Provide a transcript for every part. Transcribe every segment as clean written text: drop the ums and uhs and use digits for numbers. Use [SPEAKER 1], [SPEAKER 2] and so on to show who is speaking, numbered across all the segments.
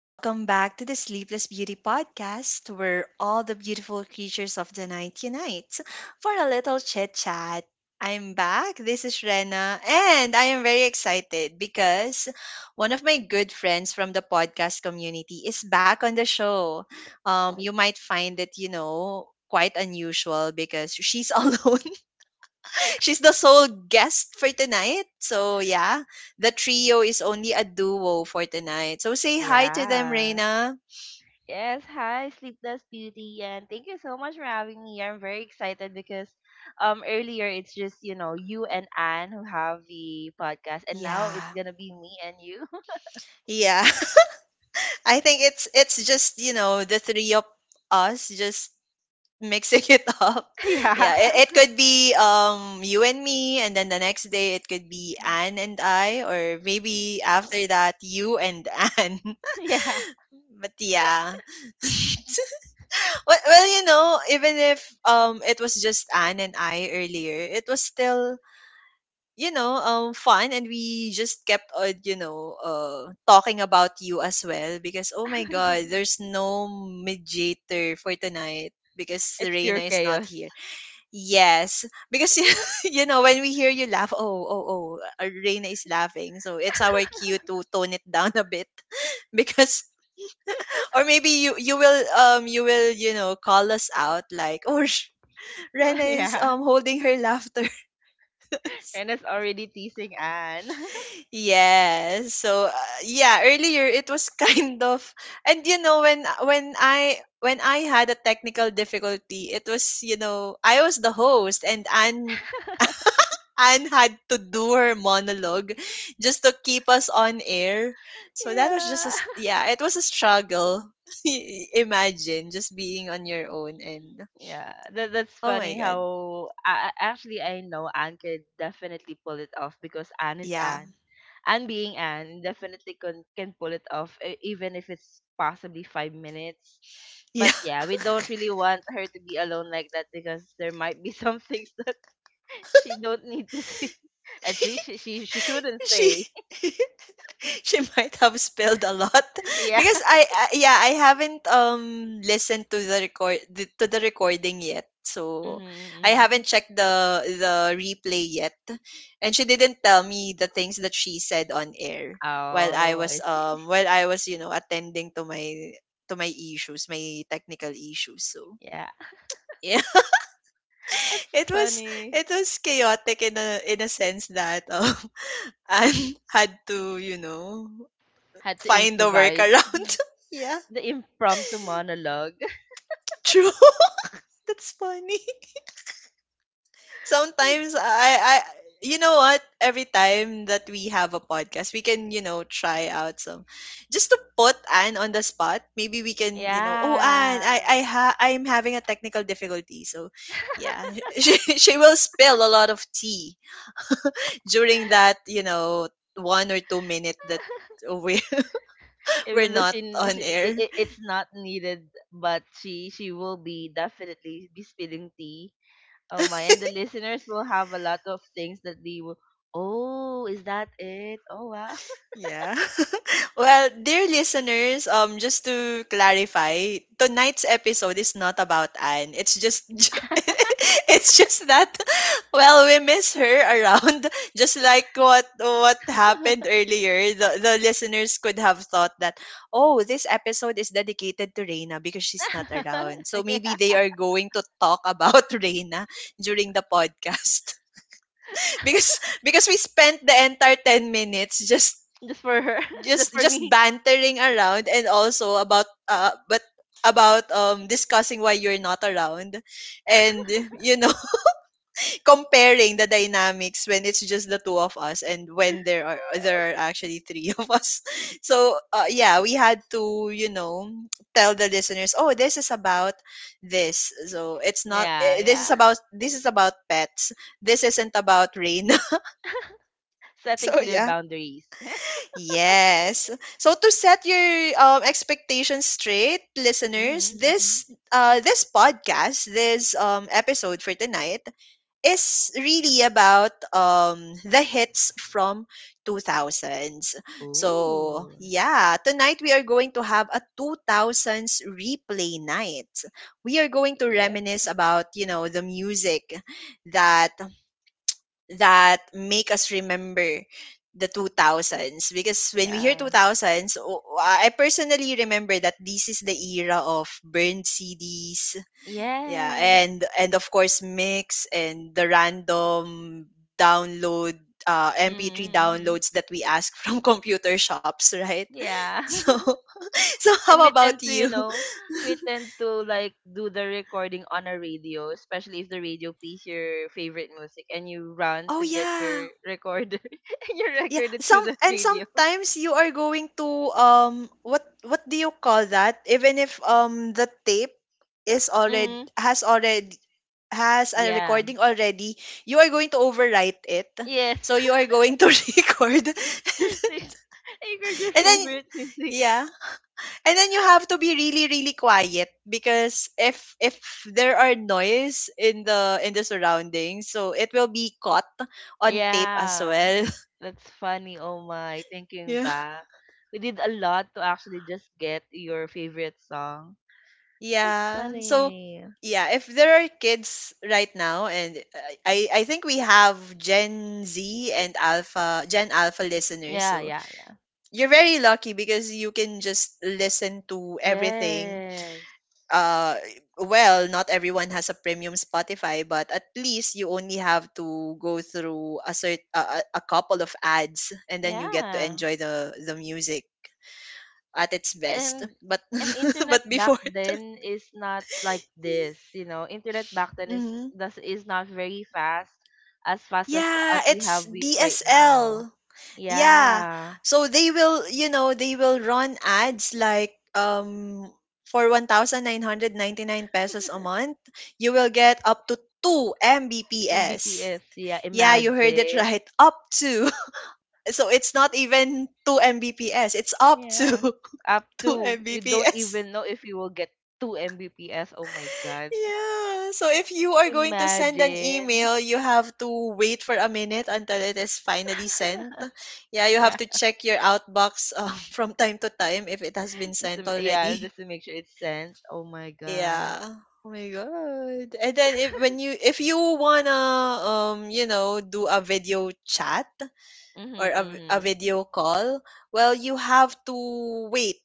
[SPEAKER 1] Welcome back to the Sleepless Beauty Podcast, where all the beautiful creatures of the night unite for a little chit chat. I'm back. This is Rena, and I am very excited because one of my good friends from the podcast community is back on the show. You might find it, quite unusual because she's alone. She's the sole guest for tonight. So yeah, the trio is only a duo for tonight. So say hi to them,
[SPEAKER 2] Yeah.
[SPEAKER 1] Reina.
[SPEAKER 2] Yes, hi, Sleepless Beauty, and thank you so much for having me. I'm very excited because earlier it's just, you and Anne who have the podcast, and now it's
[SPEAKER 1] Yeah.
[SPEAKER 2] gonna be me and you.
[SPEAKER 1] Yeah. I think it's just, the three of us just mixing it up.
[SPEAKER 2] Yeah.
[SPEAKER 1] Yeah, it could be you and me, and then the next day it could be Anne and I, or maybe after that you and Anne.
[SPEAKER 2] Yeah.
[SPEAKER 1] But yeah. Well, you know, even if it was just Anne and I earlier, it was still fun, and we just kept on talking about you as well because, oh my god, there's no mediator for tonight because
[SPEAKER 2] It's
[SPEAKER 1] Serena
[SPEAKER 2] pure
[SPEAKER 1] is not
[SPEAKER 2] chaos.
[SPEAKER 1] here. Yes, because you know when we hear you laugh, oh, Reina is laughing, so it's our cue to tone it down a bit because or maybe you will you will call us out like, oh, Rena is
[SPEAKER 2] Yeah.
[SPEAKER 1] holding her laughter.
[SPEAKER 2] And it's already teasing Anne.
[SPEAKER 1] Yes. So yeah, earlier it was kind of, and when I had a technical difficulty, it was, I was the host, and Anne had to do her monologue just to keep us on air. So that was just
[SPEAKER 2] Yeah.
[SPEAKER 1] yeah, it was a struggle. Imagine just being on your own, and
[SPEAKER 2] Yeah, that's
[SPEAKER 1] oh my
[SPEAKER 2] funny
[SPEAKER 1] god.
[SPEAKER 2] how actually I know Anne could definitely pull it off because Anne is
[SPEAKER 1] Yeah.
[SPEAKER 2] Anne. Anne being Anne definitely can pull it off even if it's possibly 5 minutes.
[SPEAKER 1] Yeah.
[SPEAKER 2] But yeah, we don't really want her to be alone like that because there might be some things that she don't need to see. And she shouldn't
[SPEAKER 1] She.
[SPEAKER 2] say.
[SPEAKER 1] She might have spelled a lot
[SPEAKER 2] Yeah.
[SPEAKER 1] because I yeah, I haven't listened to to the recording yet. So
[SPEAKER 2] Mm-hmm,
[SPEAKER 1] I haven't
[SPEAKER 2] mm-hmm.
[SPEAKER 1] checked the replay yet. And she didn't tell me the things that she said on air while I
[SPEAKER 2] Oh,
[SPEAKER 1] was
[SPEAKER 2] I see.
[SPEAKER 1] um while I was, attending to my issues, my technical issues. So
[SPEAKER 2] Yeah,
[SPEAKER 1] yeah,
[SPEAKER 2] that's
[SPEAKER 1] it was
[SPEAKER 2] funny.
[SPEAKER 1] it was chaotic in a sense that and had to,
[SPEAKER 2] Had to
[SPEAKER 1] find a
[SPEAKER 2] improvise. Mm-hmm.
[SPEAKER 1] workaround. Yeah,
[SPEAKER 2] The impromptu monologue.
[SPEAKER 1] true. That's funny. Sometimes, you know what? Every time that we have a podcast, we can, try out some, just to put Anne on the spot. Maybe we can, oh
[SPEAKER 2] Yeah.
[SPEAKER 1] Anne, I'm having a technical difficulty. So, yeah, she will spill a lot of tea during that, 1 or 2 minute that we we're
[SPEAKER 2] Even though
[SPEAKER 1] not
[SPEAKER 2] she, n-
[SPEAKER 1] on
[SPEAKER 2] she
[SPEAKER 1] air.
[SPEAKER 2] I- it's not needed, but she will be definitely be spilling tea. Oh my, and the listeners will have a lot of things that they will. Oh, is that it? Oh wow.
[SPEAKER 1] Yeah. Well, dear listeners, just to clarify, tonight's episode is not about Anne. It's just it's just that well, we miss her around, just like what happened earlier. The listeners could have thought that, oh, this episode is dedicated to Reina because she's not around. So maybe
[SPEAKER 2] Yeah.
[SPEAKER 1] they are going to talk about Reina during the podcast. because because we spent the entire 10 minutes just
[SPEAKER 2] Just for her, just for me.
[SPEAKER 1] bantering around, and also about but about discussing why you're not around, and you know comparing the dynamics when it's just the two of us and when there are actually three of us. So yeah, we had to, tell the listeners, oh, this is about this. So it's not,
[SPEAKER 2] Yeah,
[SPEAKER 1] this
[SPEAKER 2] yeah.
[SPEAKER 1] is about, this is about pets, this isn't about rain.
[SPEAKER 2] Setting
[SPEAKER 1] So
[SPEAKER 2] clear
[SPEAKER 1] yeah.
[SPEAKER 2] boundaries.
[SPEAKER 1] Yes. So to set your expectations straight, listeners,
[SPEAKER 2] Mhm, mhm.
[SPEAKER 1] this, this podcast, this episode for tonight is really about, the hits from 2000s. So
[SPEAKER 2] Ooh.
[SPEAKER 1] yeah, tonight we are going to have a 2000s replay night. We are going to
[SPEAKER 2] Yep.
[SPEAKER 1] reminisce about, the music that that make us remember the 2000s. Because when we hear
[SPEAKER 2] Yeah.
[SPEAKER 1] 2000s, I personally remember that this is the era of burned CDs, yeah,
[SPEAKER 2] Yes.
[SPEAKER 1] and of course mix, and the random download MP3
[SPEAKER 2] Mhm, mhm.
[SPEAKER 1] downloads that we ask from computer shops, right?
[SPEAKER 2] Yeah.
[SPEAKER 1] So so,
[SPEAKER 2] And
[SPEAKER 1] how
[SPEAKER 2] we tend
[SPEAKER 1] about
[SPEAKER 2] to, you
[SPEAKER 1] you?
[SPEAKER 2] know, we tend to like do the recording on a radio, especially if the radio plays your favorite music and you run
[SPEAKER 1] Oh
[SPEAKER 2] to get
[SPEAKER 1] yeah.
[SPEAKER 2] your recorder and you
[SPEAKER 1] Yeah,
[SPEAKER 2] record it through
[SPEAKER 1] some
[SPEAKER 2] the
[SPEAKER 1] and
[SPEAKER 2] radio.
[SPEAKER 1] sometimes you are going to what do you call that? Even if the tape is
[SPEAKER 2] Mm-hmm.
[SPEAKER 1] already has a
[SPEAKER 2] Yeah.
[SPEAKER 1] recording already, you are going to overwrite it.
[SPEAKER 2] Yes.
[SPEAKER 1] So you are going to record,
[SPEAKER 2] Re- record your
[SPEAKER 1] and then
[SPEAKER 2] favorite music.
[SPEAKER 1] yeah. And then you have to be really really quiet because if there are noise in the surroundings, so it will be caught on tape as
[SPEAKER 2] Yeah.
[SPEAKER 1] well.
[SPEAKER 2] That's funny, oh my. Thinking
[SPEAKER 1] Yeah.
[SPEAKER 2] back. We did a lot to actually just get your favorite song. That's
[SPEAKER 1] Yeah. So
[SPEAKER 2] funny.
[SPEAKER 1] yeah, if there are kids right now, and, I think we have Gen Z and Alpha Gen Alpha listeners,
[SPEAKER 2] Yeah,
[SPEAKER 1] so
[SPEAKER 2] yeah, yeah.
[SPEAKER 1] you're very lucky because you can just listen to everything.
[SPEAKER 2] Yes.
[SPEAKER 1] Uh, well, not everyone has a premium Spotify, but at least you only have to go through a cert a couple of ads, and then you get to
[SPEAKER 2] Yeah.
[SPEAKER 1] enjoy the music at its best.
[SPEAKER 2] And
[SPEAKER 1] But
[SPEAKER 2] and internet
[SPEAKER 1] but
[SPEAKER 2] back
[SPEAKER 1] before.
[SPEAKER 2] then is not like this. Internet back then is not very fast as
[SPEAKER 1] Yeah,
[SPEAKER 2] what we
[SPEAKER 1] it's
[SPEAKER 2] have we, right now.
[SPEAKER 1] DSL. Yeah.
[SPEAKER 2] Yeah.
[SPEAKER 1] So they will, you know, they will run ads like, for 1,999 pesos a month, you will get up to 2 Mbps.
[SPEAKER 2] Mbps, yeah,
[SPEAKER 1] Yeah, you heard it
[SPEAKER 2] imagine.
[SPEAKER 1] right. Up to. So it's not even 2 Mbps. It's up to
[SPEAKER 2] Yeah. Up
[SPEAKER 1] 2
[SPEAKER 2] to, you don't
[SPEAKER 1] Mbps.
[SPEAKER 2] even know if you will get 2 Mbps. Oh my god.
[SPEAKER 1] Yeah. So if you are going to send an
[SPEAKER 2] Imagine.
[SPEAKER 1] email, you have to wait for a minute until it is finally sent. Yeah, you have
[SPEAKER 2] Yeah.
[SPEAKER 1] to check your outbox, from time to time if it has been
[SPEAKER 2] Just
[SPEAKER 1] sent
[SPEAKER 2] to, yeah,
[SPEAKER 1] already.
[SPEAKER 2] just to make sure it's sent. Oh my god.
[SPEAKER 1] Yeah. Oh my god. And then, if you wanna do a video chat
[SPEAKER 2] Mhm,
[SPEAKER 1] or a
[SPEAKER 2] mhm.
[SPEAKER 1] video call, well, you have to wait,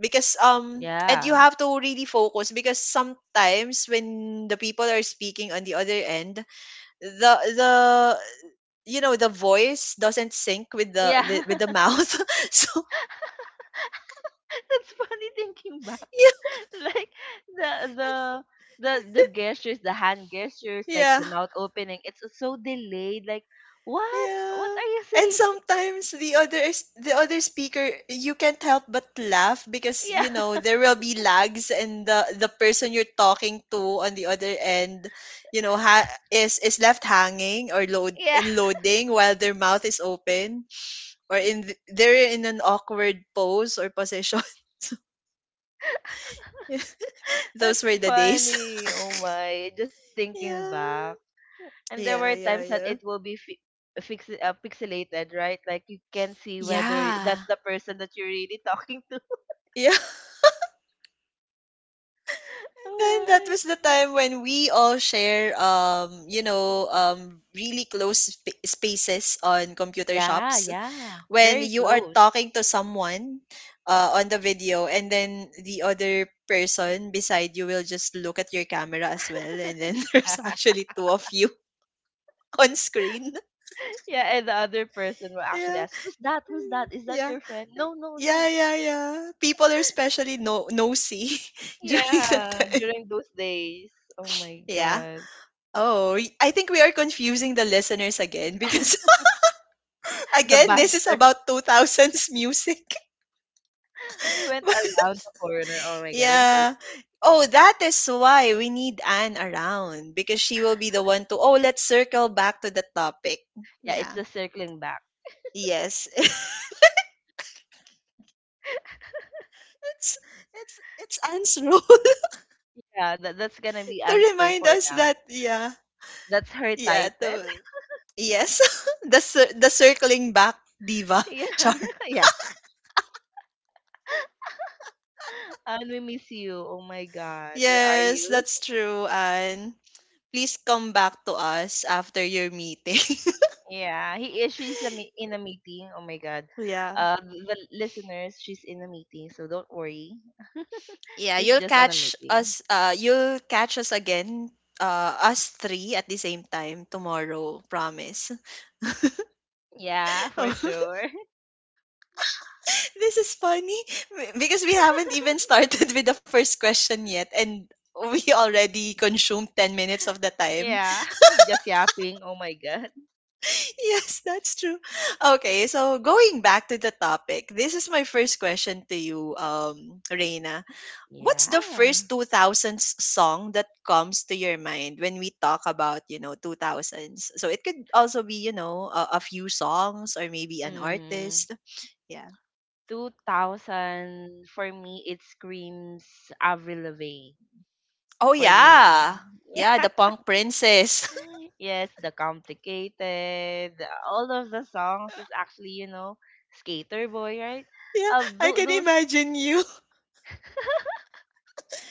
[SPEAKER 1] because and you
[SPEAKER 2] Yeah.
[SPEAKER 1] have to really focus, because sometimes when the people are speaking on the other end, the the you know the voice doesn't sync with the
[SPEAKER 2] Yeah.
[SPEAKER 1] with the mouth. So
[SPEAKER 2] That's funny thinking back.
[SPEAKER 1] yeah,
[SPEAKER 2] Like the the the gestures, the hand gestures, like
[SPEAKER 1] yeah.
[SPEAKER 2] the mouth opening, it's so delayed. Like what? What
[SPEAKER 1] Yeah.
[SPEAKER 2] are you
[SPEAKER 1] And
[SPEAKER 2] saying?
[SPEAKER 1] sometimes the other speaker, you can't help but laugh because,
[SPEAKER 2] Yeah.
[SPEAKER 1] there will be lags, and the person you're talking to on the other end, is left hanging, or
[SPEAKER 2] Yeah.
[SPEAKER 1] loading while their mouth is open, or they're in an awkward pose or position. Those
[SPEAKER 2] That's
[SPEAKER 1] were the days.
[SPEAKER 2] funny. Oh my. Just thinking back.
[SPEAKER 1] Yeah.
[SPEAKER 2] And there
[SPEAKER 1] Yeah,
[SPEAKER 2] were
[SPEAKER 1] yeah,
[SPEAKER 2] times that
[SPEAKER 1] yeah.
[SPEAKER 2] it will be fi- fix pixelated, right? Like you can see whether
[SPEAKER 1] Yeah.
[SPEAKER 2] that's the person that you're really talking to.
[SPEAKER 1] Yeah.
[SPEAKER 2] Oh
[SPEAKER 1] Then that
[SPEAKER 2] my.
[SPEAKER 1] was the time when we all share, really close spaces on computer
[SPEAKER 2] Yeah,
[SPEAKER 1] shops.
[SPEAKER 2] yeah.
[SPEAKER 1] When
[SPEAKER 2] Very
[SPEAKER 1] you are
[SPEAKER 2] close.
[SPEAKER 1] talking to someone, on the video, and then the other person beside you will just look at your camera as well, and then
[SPEAKER 2] Yeah.
[SPEAKER 1] there's actually two of you on screen.
[SPEAKER 2] Yeah, and the other person will actually
[SPEAKER 1] Yeah.
[SPEAKER 2] ask, Who's that? Who's
[SPEAKER 1] Mm,
[SPEAKER 2] that? Is that
[SPEAKER 1] yeah,
[SPEAKER 2] your friend? No, no,
[SPEAKER 1] yeah,
[SPEAKER 2] no.
[SPEAKER 1] yeah, yeah. People are especially no nosy during that
[SPEAKER 2] Yeah,
[SPEAKER 1] time.
[SPEAKER 2] during those days. Oh my
[SPEAKER 1] Yeah.
[SPEAKER 2] god.
[SPEAKER 1] Oh, I think we are confusing the listeners again, because
[SPEAKER 2] The
[SPEAKER 1] again, this is
[SPEAKER 2] banter.
[SPEAKER 1] about 2000s music.
[SPEAKER 2] We went
[SPEAKER 1] But
[SPEAKER 2] around the corner. Oh my god, I'm so
[SPEAKER 1] yeah.
[SPEAKER 2] sorry.
[SPEAKER 1] Oh, that is why we need Anne around, because she will be the one to, oh, let's circle back to the topic.
[SPEAKER 2] Yeah, it's
[SPEAKER 1] Yeah.
[SPEAKER 2] the circling back.
[SPEAKER 1] Yes. it's it's Anne's role
[SPEAKER 2] Yeah, that's gonna be
[SPEAKER 1] to
[SPEAKER 2] Ansel
[SPEAKER 1] remind
[SPEAKER 2] for
[SPEAKER 1] us that,
[SPEAKER 2] now.
[SPEAKER 1] yeah.
[SPEAKER 2] That's her
[SPEAKER 1] Yeah,
[SPEAKER 2] title.
[SPEAKER 1] to yes. The the circling back diva
[SPEAKER 2] Yeah.
[SPEAKER 1] char.
[SPEAKER 2] Yeah. And we miss you. Oh my god. Where are
[SPEAKER 1] Yes,
[SPEAKER 2] you?
[SPEAKER 1] that's true, Anne. Please come back to us after your meeting.
[SPEAKER 2] Yeah, he is. She's in a meeting. Oh my god.
[SPEAKER 1] Yeah.
[SPEAKER 2] The listeners, she's in a meeting, so don't worry.
[SPEAKER 1] Yeah,
[SPEAKER 2] She's just on a meeting.
[SPEAKER 1] you'll catch us again, us three at the same time tomorrow, promise.
[SPEAKER 2] Yeah, for
[SPEAKER 1] Oh,
[SPEAKER 2] sure.
[SPEAKER 1] this is funny, because we haven't even started with the first question yet, and we already consumed 10 minutes of the time.
[SPEAKER 2] Yeah, just yapping. Oh my god.
[SPEAKER 1] Yes, that's true. Okay, so going back to the topic, this is my first question to you, Reina: what's the
[SPEAKER 2] Yeah.
[SPEAKER 1] first 2000s song that comes to your mind when we talk about, 2000s, so it could also be, a few songs or maybe an
[SPEAKER 2] Mm,
[SPEAKER 1] artist? Yeah.
[SPEAKER 2] 2000 for me it screams Avril Lavigne
[SPEAKER 1] Oh
[SPEAKER 2] for me.
[SPEAKER 1] yeah. Yeah,
[SPEAKER 2] Yeah.
[SPEAKER 1] the punk princess.
[SPEAKER 2] Yes, the Complicated, all of the songs is actually, Skater Boy, right?
[SPEAKER 1] Yeah, I can
[SPEAKER 2] Those.
[SPEAKER 1] imagine you.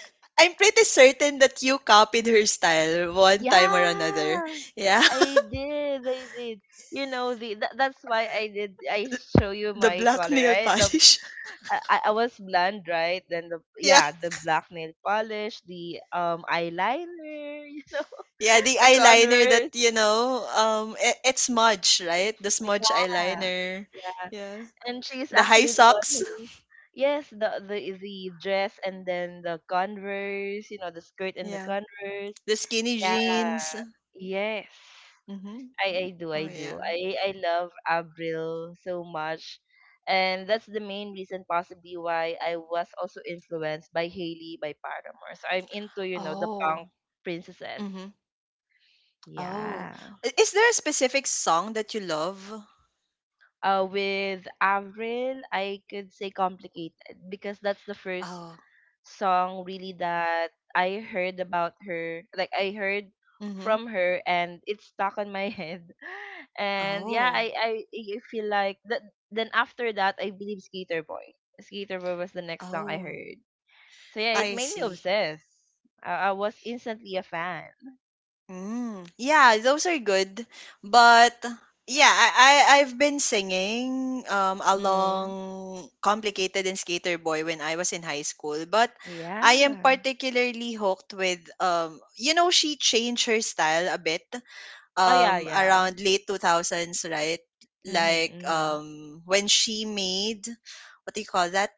[SPEAKER 1] I'm pretty certain that you copied her style one time or another.
[SPEAKER 2] Yeah,
[SPEAKER 1] Yeah.
[SPEAKER 2] I did, I did. You know that's why I did. I show you
[SPEAKER 1] The
[SPEAKER 2] my
[SPEAKER 1] black
[SPEAKER 2] color,
[SPEAKER 1] nail
[SPEAKER 2] right? The
[SPEAKER 1] polish.
[SPEAKER 2] I was blonde, right? Then the
[SPEAKER 1] Yeah.
[SPEAKER 2] yeah, the black nail polish, the eyeliner,
[SPEAKER 1] Yeah, the
[SPEAKER 2] the
[SPEAKER 1] eyeliner that
[SPEAKER 2] Converse.
[SPEAKER 1] you know, um, it, it's smudge, right? The smudge
[SPEAKER 2] Yeah,
[SPEAKER 1] eyeliner.
[SPEAKER 2] yeah.
[SPEAKER 1] Yeah.
[SPEAKER 2] And she's
[SPEAKER 1] The high
[SPEAKER 2] actually the one
[SPEAKER 1] socks.
[SPEAKER 2] who, yes, the dress and then the Converse, the skirt and the
[SPEAKER 1] Yeah.
[SPEAKER 2] Converse.
[SPEAKER 1] The skinny
[SPEAKER 2] Yeah.
[SPEAKER 1] jeans.
[SPEAKER 2] Yes.
[SPEAKER 1] Mm-hmm.
[SPEAKER 2] I do,
[SPEAKER 1] Oh
[SPEAKER 2] I do.
[SPEAKER 1] yeah.
[SPEAKER 2] I love Avril so much. And that's the main reason possibly why I was also influenced by Hailey by Paramore. So I'm into, the
[SPEAKER 1] Oh.
[SPEAKER 2] punk princesses.
[SPEAKER 1] Mm-hmm. Oh.
[SPEAKER 2] Yeah.
[SPEAKER 1] Is there a specific song that you love?
[SPEAKER 2] With Avril, I could say Complicated because that's the first
[SPEAKER 1] Oh.
[SPEAKER 2] song really that I heard about her. Like I heard
[SPEAKER 1] Mm-hmm.
[SPEAKER 2] from her and it stuck on my head. And yeah,
[SPEAKER 1] Oh.
[SPEAKER 2] I feel like that. Then after that I believe Skater Boy. Skater Boy was the next song I
[SPEAKER 1] Oh.
[SPEAKER 2] heard. So yeah, it
[SPEAKER 1] I
[SPEAKER 2] made me
[SPEAKER 1] see.
[SPEAKER 2] obsessed. I was instantly a fan.
[SPEAKER 1] Mm, yeah, those are good. But yeah, I've been singing, along
[SPEAKER 2] Mhm.
[SPEAKER 1] Complicated and Skater Boy when I was in high school, but I am
[SPEAKER 2] Yeah.
[SPEAKER 1] particularly hooked with, she changed her style a bit
[SPEAKER 2] Oh yeah, yeah.
[SPEAKER 1] around late 2000s, right?
[SPEAKER 2] Mhm.
[SPEAKER 1] Like,
[SPEAKER 2] Mhm.
[SPEAKER 1] when she made, what do you call that?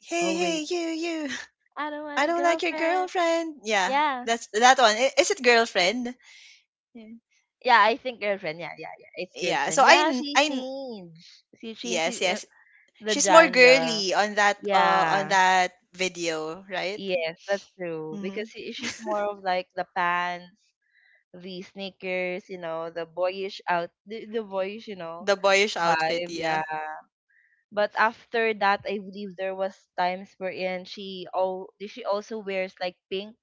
[SPEAKER 1] Hey,
[SPEAKER 2] Oh
[SPEAKER 1] hey,
[SPEAKER 2] wait.
[SPEAKER 1] you, you.
[SPEAKER 2] I don't want
[SPEAKER 1] I
[SPEAKER 2] a
[SPEAKER 1] don't like your
[SPEAKER 2] girlfriend.
[SPEAKER 1] girlfriend. Yeah,
[SPEAKER 2] Yeah.
[SPEAKER 1] that's that one. Is it girlfriend?
[SPEAKER 2] Yeah, I think girlfriend. Yeah, yeah, yeah. It's
[SPEAKER 1] Yeah.
[SPEAKER 2] girlfriend. Yeah, she changed. She changed
[SPEAKER 1] Yes,
[SPEAKER 2] the, uh,
[SPEAKER 1] yes.
[SPEAKER 2] the
[SPEAKER 1] She's more
[SPEAKER 2] genre.
[SPEAKER 1] girly on that uh on
[SPEAKER 2] Yeah.
[SPEAKER 1] that video, right?
[SPEAKER 2] Yes, that's true. Because
[SPEAKER 1] Mm-hmm.
[SPEAKER 2] she's more of like the pants, the sneakers, the boyish out, the boyish,
[SPEAKER 1] The boyish outfit,
[SPEAKER 2] vibe. Yeah.
[SPEAKER 1] yeah.
[SPEAKER 2] But after that, I believe there was times wherein she also wears like pink.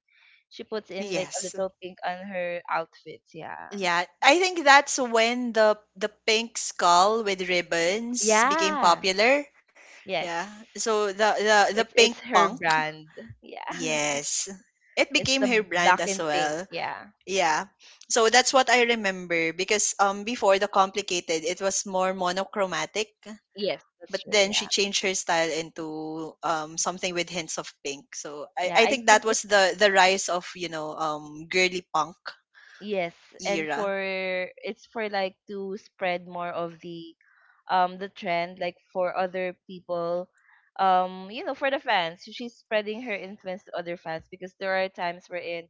[SPEAKER 2] She puts in like a
[SPEAKER 1] Yes.
[SPEAKER 2] little pink on her outfits. Yeah.
[SPEAKER 1] Yeah, I think that's when the pink skull with ribbons became
[SPEAKER 2] Yeah.
[SPEAKER 1] popular.
[SPEAKER 2] Yes.
[SPEAKER 1] Yeah. So the
[SPEAKER 2] It's
[SPEAKER 1] pink
[SPEAKER 2] it's her
[SPEAKER 1] punk.
[SPEAKER 2] brand. Yeah.
[SPEAKER 1] Yes. It
[SPEAKER 2] It's
[SPEAKER 1] became
[SPEAKER 2] the
[SPEAKER 1] her brand
[SPEAKER 2] black
[SPEAKER 1] as
[SPEAKER 2] and pink.
[SPEAKER 1] well.
[SPEAKER 2] Yeah.
[SPEAKER 1] Yeah. So that's what I remember because before the complicated it was more monochromatic.
[SPEAKER 2] Yes, that's
[SPEAKER 1] But
[SPEAKER 2] true.
[SPEAKER 1] then she
[SPEAKER 2] Yeah.
[SPEAKER 1] changed her style into something with hints of pink. So I,
[SPEAKER 2] Yeah,
[SPEAKER 1] I
[SPEAKER 2] I
[SPEAKER 1] think that
[SPEAKER 2] think
[SPEAKER 1] was
[SPEAKER 2] it's
[SPEAKER 1] the rise of girly punk
[SPEAKER 2] yes, and
[SPEAKER 1] era.
[SPEAKER 2] for it's for like to spread more of the trend like for other people, for the fans. So, she's spreading her influence to other fans because there are times wherein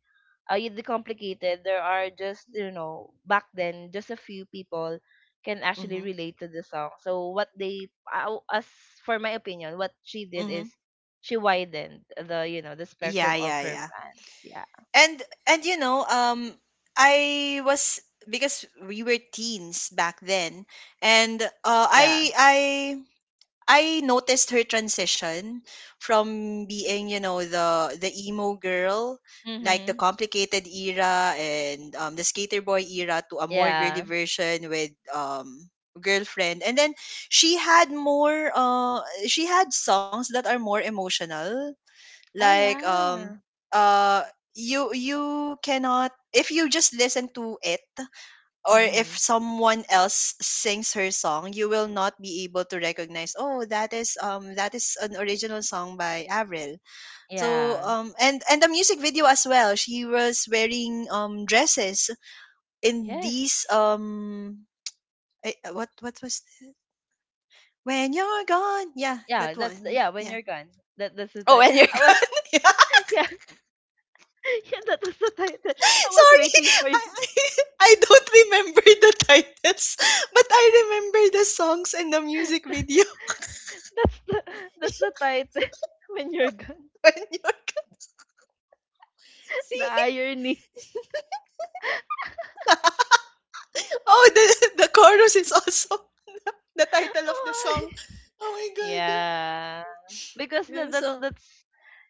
[SPEAKER 2] you complicated there are just back then just a few people can actually
[SPEAKER 1] Mm-hmm.
[SPEAKER 2] relate to the song, so what they, as for my opinion what she did is
[SPEAKER 1] Mm-hmm.
[SPEAKER 2] she widened the you know the
[SPEAKER 1] Yeah,
[SPEAKER 2] spectrum of
[SPEAKER 1] yeah,
[SPEAKER 2] her
[SPEAKER 1] yeah.
[SPEAKER 2] fans. Yeah.
[SPEAKER 1] And and I was because we were teens back then, and
[SPEAKER 2] Yeah.
[SPEAKER 1] I noticed her transition from being, you know, the emo girl, like the
[SPEAKER 2] Mhm.
[SPEAKER 1] complicated era and the skater boy era, to a more girly
[SPEAKER 2] Yeah.
[SPEAKER 1] version with girlfriend. And then she had more. She had songs that are more emotional,
[SPEAKER 2] Oh
[SPEAKER 1] like
[SPEAKER 2] yeah.
[SPEAKER 1] uh, you you cannot if you just listen to it or if
[SPEAKER 2] Mhm.
[SPEAKER 1] someone else sings her song, you will not be able to recognize. Oh, that is an original song by Avril. So
[SPEAKER 2] Yeah.
[SPEAKER 1] and the music video as well. She was wearing dresses in these
[SPEAKER 2] Yes.
[SPEAKER 1] eh, what was when you're gone? Yeah,
[SPEAKER 2] Yeah,
[SPEAKER 1] that
[SPEAKER 2] that's
[SPEAKER 1] one.
[SPEAKER 2] yeah. When
[SPEAKER 1] Yeah.
[SPEAKER 2] you're gone, that's the
[SPEAKER 1] Oh,
[SPEAKER 2] title.
[SPEAKER 1] when you're
[SPEAKER 2] I was.
[SPEAKER 1] gone. Yeah.
[SPEAKER 2] Yeah. Yeah, that was the title. I was
[SPEAKER 1] Sorry,
[SPEAKER 2] waiting for you.
[SPEAKER 1] I I don't remember the titles, but I remember the songs and the music video.
[SPEAKER 2] That's the that's the title. When you're gone,
[SPEAKER 1] when you're
[SPEAKER 2] the
[SPEAKER 1] See?
[SPEAKER 2] irony.
[SPEAKER 1] Oh, the chorus is also the title of the
[SPEAKER 2] Oh,
[SPEAKER 1] song. Oh my god.
[SPEAKER 2] yeah, because that
[SPEAKER 1] Yeah, so,
[SPEAKER 2] that's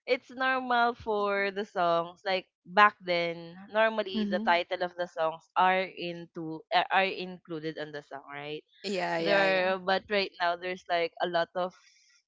[SPEAKER 2] it's normal for the songs. Like back then, normally the
[SPEAKER 1] hmm,
[SPEAKER 2] title of the songs are included on the song, right?
[SPEAKER 1] yeah, yeah, yeah.
[SPEAKER 2] There. But right now there's like a lot of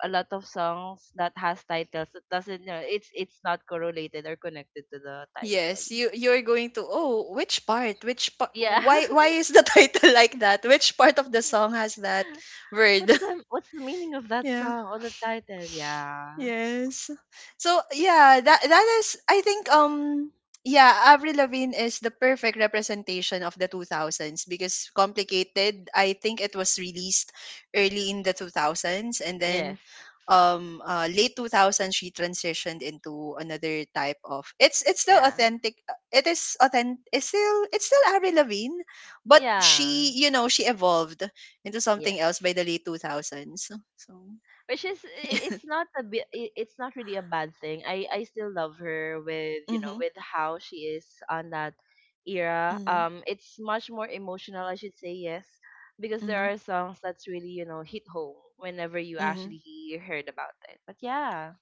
[SPEAKER 2] a lot of songs that has titles that doesn't, it's not correlated or connected to the title.
[SPEAKER 1] Yes, you're going to oh, which part? Which part?
[SPEAKER 2] Yeah.
[SPEAKER 1] Why is the title like that? Which part of the song has that word?
[SPEAKER 2] What's the meaning of that
[SPEAKER 1] Yeah.
[SPEAKER 2] song or the title? Yeah.
[SPEAKER 1] Yes. So yeah, that is I think yeah, Avril Lavigne is the perfect representation of the 2000s because Complicated, I think it was released early in the 2000s, and then
[SPEAKER 2] Yes.
[SPEAKER 1] late 2000s she transitioned into another type of it's still
[SPEAKER 2] Yeah,
[SPEAKER 1] authentic, it is authentic, it's still Avril Lavigne, but
[SPEAKER 2] yeah,
[SPEAKER 1] she you know she evolved into something
[SPEAKER 2] yes,
[SPEAKER 1] else by the late 2000s. So
[SPEAKER 2] which is it's not a bit, it's not really a bad thing. I still love her with you know
[SPEAKER 1] mhm,
[SPEAKER 2] with how she is on that era.
[SPEAKER 1] mhm,
[SPEAKER 2] It's much more emotional, I should say. Yes. Because there
[SPEAKER 1] mhm,
[SPEAKER 2] are songs that's really, hit home whenever you actually
[SPEAKER 1] hmm.
[SPEAKER 2] heard about it. But yeah,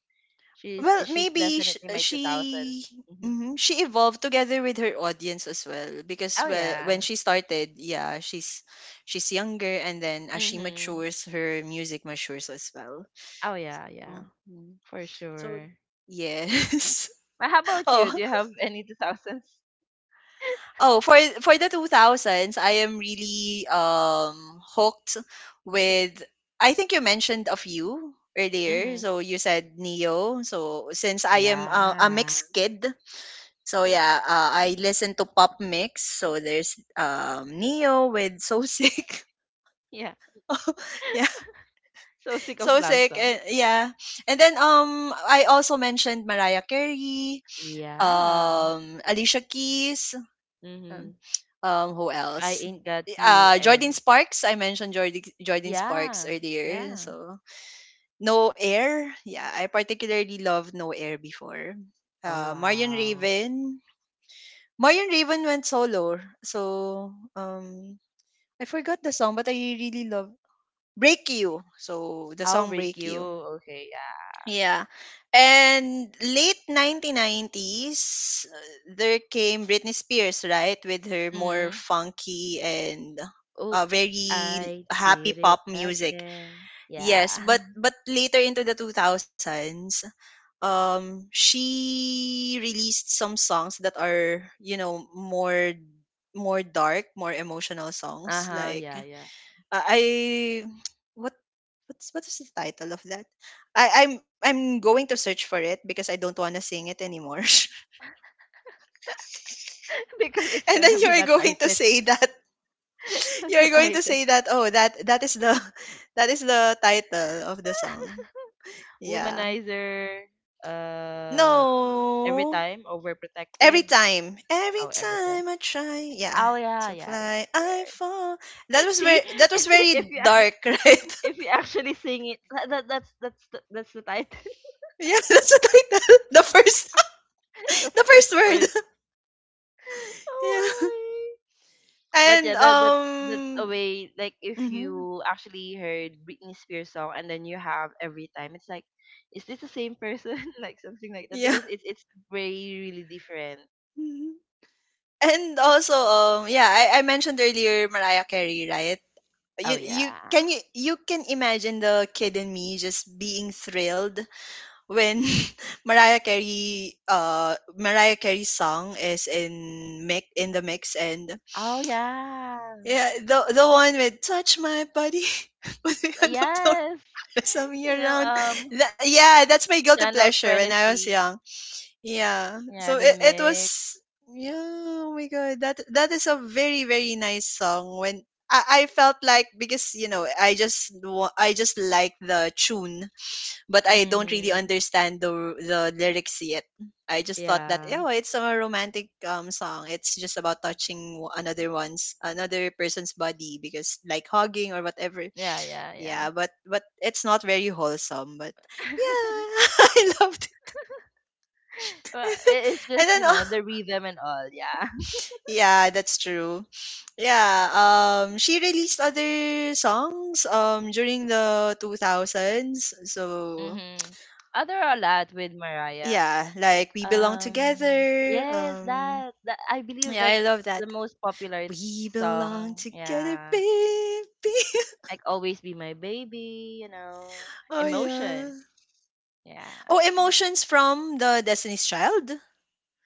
[SPEAKER 2] she's
[SPEAKER 1] Well,
[SPEAKER 2] she's
[SPEAKER 1] maybe sh-
[SPEAKER 2] definitely my 2000s.
[SPEAKER 1] she
[SPEAKER 2] Hmm.
[SPEAKER 1] mhm, she evolved together with her audience as well because
[SPEAKER 2] Oh
[SPEAKER 1] well, when
[SPEAKER 2] yeah.
[SPEAKER 1] she started, yeah, she's younger and then as she
[SPEAKER 2] Mm-hmm.
[SPEAKER 1] matures, her music matures as well.
[SPEAKER 2] Oh yeah, yeah,
[SPEAKER 1] Mhm.
[SPEAKER 2] for
[SPEAKER 1] So
[SPEAKER 2] sure.
[SPEAKER 1] yes.
[SPEAKER 2] But how about you,
[SPEAKER 1] Oh.
[SPEAKER 2] do you have any 2000s?
[SPEAKER 1] Oh, for the 2000s, I am really hooked with I think you mentioned a few earlier.
[SPEAKER 2] Mm-hmm.
[SPEAKER 1] So you said Neo. So since I am a
[SPEAKER 2] Yeah,
[SPEAKER 1] mixed kid, so yeah, I listen to pop mix. So there's Neo with So Sick.
[SPEAKER 2] yeah.
[SPEAKER 1] Yeah,
[SPEAKER 2] So sick of
[SPEAKER 1] So
[SPEAKER 2] love
[SPEAKER 1] Sick
[SPEAKER 2] song.
[SPEAKER 1] and yeah. And then I also mentioned Mariah Carey,
[SPEAKER 2] Yeah.
[SPEAKER 1] Alicia Keys,
[SPEAKER 2] Mm-hmm.
[SPEAKER 1] um, who
[SPEAKER 2] If I
[SPEAKER 1] else?
[SPEAKER 2] ain't got you
[SPEAKER 1] Uh, Jordan
[SPEAKER 2] and
[SPEAKER 1] Sparks. I mentioned Jordan Sparks
[SPEAKER 2] yeah,
[SPEAKER 1] earlier.
[SPEAKER 2] yeah.
[SPEAKER 1] So No Air. Yeah, I particularly loved No Air before.
[SPEAKER 2] Oh
[SPEAKER 1] Uh, Marion
[SPEAKER 2] wow.
[SPEAKER 1] Raven. Marion Raven went solo. So I forgot the song, but I really love Break You. So the
[SPEAKER 2] I'll
[SPEAKER 1] song
[SPEAKER 2] break
[SPEAKER 1] Break
[SPEAKER 2] you.
[SPEAKER 1] You.
[SPEAKER 2] Okay, yeah.
[SPEAKER 1] Yeah. And late 1990s, there came Britney Spears, right? With her more
[SPEAKER 2] Mm-hmm.
[SPEAKER 1] funky and,
[SPEAKER 2] Oops,
[SPEAKER 1] very
[SPEAKER 2] I
[SPEAKER 1] happy
[SPEAKER 2] did it
[SPEAKER 1] pop music.
[SPEAKER 2] again.
[SPEAKER 1] Yes,
[SPEAKER 2] Yeah.
[SPEAKER 1] but later into the 2000s, she released some songs that are, you know, more dark, more emotional songs
[SPEAKER 2] Uh-huh,
[SPEAKER 1] like
[SPEAKER 2] yeah, yeah.
[SPEAKER 1] I what what's what is the title of that? I'm going to search for it because I don't want to sing it anymore.
[SPEAKER 2] Because it's
[SPEAKER 1] And then
[SPEAKER 2] gonna be
[SPEAKER 1] you're
[SPEAKER 2] the
[SPEAKER 1] going to
[SPEAKER 2] title.
[SPEAKER 1] say that
[SPEAKER 2] That's the
[SPEAKER 1] you're going to
[SPEAKER 2] title.
[SPEAKER 1] say that oh that is the that is the title of the song. Yeah.
[SPEAKER 2] Womanizer, uh every
[SPEAKER 1] No.
[SPEAKER 2] time, overprotected.
[SPEAKER 1] Every
[SPEAKER 2] Oh, every time.
[SPEAKER 1] time I try, yeah,
[SPEAKER 2] Oh yeah,
[SPEAKER 1] to
[SPEAKER 2] yeah, yeah.
[SPEAKER 1] fly, I
[SPEAKER 2] There.
[SPEAKER 1] fall. That was
[SPEAKER 2] See,
[SPEAKER 1] very, that
[SPEAKER 2] if
[SPEAKER 1] was
[SPEAKER 2] if
[SPEAKER 1] very
[SPEAKER 2] you
[SPEAKER 1] dark, right?
[SPEAKER 2] If you actually sing it, that's that's the title,
[SPEAKER 1] Yeah, that's the title. The first
[SPEAKER 2] the
[SPEAKER 1] the
[SPEAKER 2] first
[SPEAKER 1] first
[SPEAKER 2] word.
[SPEAKER 1] word. Yeah.
[SPEAKER 2] Oh my! But yeah,
[SPEAKER 1] And
[SPEAKER 2] that's a
[SPEAKER 1] um,
[SPEAKER 2] way. Like if
[SPEAKER 1] mhm,
[SPEAKER 2] you actually heard Britney Spears song and then you have Every Time, it's like, is this the same person? Like something like that
[SPEAKER 1] yeah.
[SPEAKER 2] because it's very really different.
[SPEAKER 1] Mhm. And also um, yeah, I mentioned earlier Mariah Carey, right?
[SPEAKER 2] Oh
[SPEAKER 1] You
[SPEAKER 2] yeah.
[SPEAKER 1] can you can imagine the kid in me just being thrilled when Mariah Carey's song is in the mix and
[SPEAKER 2] Oh yeah.
[SPEAKER 1] yeah the one with touch my body put me on the floor
[SPEAKER 2] Yes.
[SPEAKER 1] pass me
[SPEAKER 2] You know,
[SPEAKER 1] around
[SPEAKER 2] um,
[SPEAKER 1] Yeah that's my guilty
[SPEAKER 2] Channel
[SPEAKER 1] pleasure when
[SPEAKER 2] Twenty
[SPEAKER 1] I was
[SPEAKER 2] Three.
[SPEAKER 1] young. Yeah.
[SPEAKER 2] Yeah,
[SPEAKER 1] So
[SPEAKER 2] the
[SPEAKER 1] it
[SPEAKER 2] mix.
[SPEAKER 1] was yeah, oh my god. That that is a very very nice song when I felt like because you know I just wa- I just like the tune but I don't really
[SPEAKER 2] Mm-hmm.
[SPEAKER 1] understand the lyrics yet. I just thought that
[SPEAKER 2] Yeah.
[SPEAKER 1] oh it's a romantic song. It's just about touching another person's body because like hugging or whatever.
[SPEAKER 2] Yeah, yeah, yeah.
[SPEAKER 1] Yeah, but it's not very wholesome. But yeah, I loved it.
[SPEAKER 2] Well, it is
[SPEAKER 1] And
[SPEAKER 2] just,
[SPEAKER 1] then
[SPEAKER 2] the rhythm and all. Yeah.
[SPEAKER 1] Yeah, that's true. Yeah, she released other songs during the 2000s. So,
[SPEAKER 2] Mm-hmm. Other or lot with Mariah.
[SPEAKER 1] yeah, like We Belong Together.
[SPEAKER 2] Yes, that I believe
[SPEAKER 1] Yeah, I love
[SPEAKER 2] that's
[SPEAKER 1] that.
[SPEAKER 2] the most popular
[SPEAKER 1] We belong
[SPEAKER 2] song.
[SPEAKER 1] together,
[SPEAKER 2] Yeah.
[SPEAKER 1] baby.
[SPEAKER 2] Like always be my baby. You know,
[SPEAKER 1] Oh, yeah.
[SPEAKER 2] emotions. Yeah.
[SPEAKER 1] Oh, Emotions from the Destiny's Child?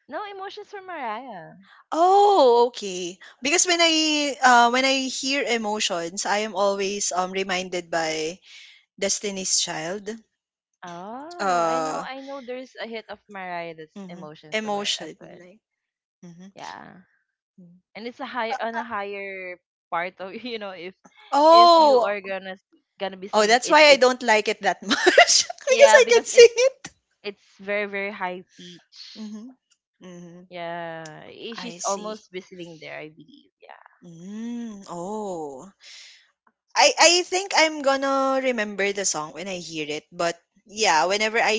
[SPEAKER 2] No emotions for Mariah.
[SPEAKER 1] Oh, okay. Because when I hear Emotions, I am always reminded by Destiny's Child.
[SPEAKER 2] Oh, I
[SPEAKER 1] uh
[SPEAKER 2] know. I know. There's a hit of Mariah that's
[SPEAKER 1] Mhm.
[SPEAKER 2] emotions of it as
[SPEAKER 1] Emotion,
[SPEAKER 2] well.
[SPEAKER 1] like mhm.
[SPEAKER 2] Yeah,
[SPEAKER 1] Mm.
[SPEAKER 2] and it's a high
[SPEAKER 1] Uh,
[SPEAKER 2] on
[SPEAKER 1] uh,
[SPEAKER 2] a higher part of if you
[SPEAKER 1] oh,
[SPEAKER 2] are gonna gonna be
[SPEAKER 1] oh,
[SPEAKER 2] singing
[SPEAKER 1] that's
[SPEAKER 2] it's
[SPEAKER 1] why I
[SPEAKER 2] it's
[SPEAKER 1] don't like it that much because
[SPEAKER 2] Yeah,
[SPEAKER 1] I can
[SPEAKER 2] because
[SPEAKER 1] sing
[SPEAKER 2] it's
[SPEAKER 1] it.
[SPEAKER 2] it's very very high pitch.
[SPEAKER 1] Mhm. Mhm.
[SPEAKER 2] Yeah.
[SPEAKER 1] I
[SPEAKER 2] She's
[SPEAKER 1] see.
[SPEAKER 2] almost whistling there, I believe. Yeah.
[SPEAKER 1] Mm, oh. I think I'm gonna remember the song when I hear it, but yeah, whenever I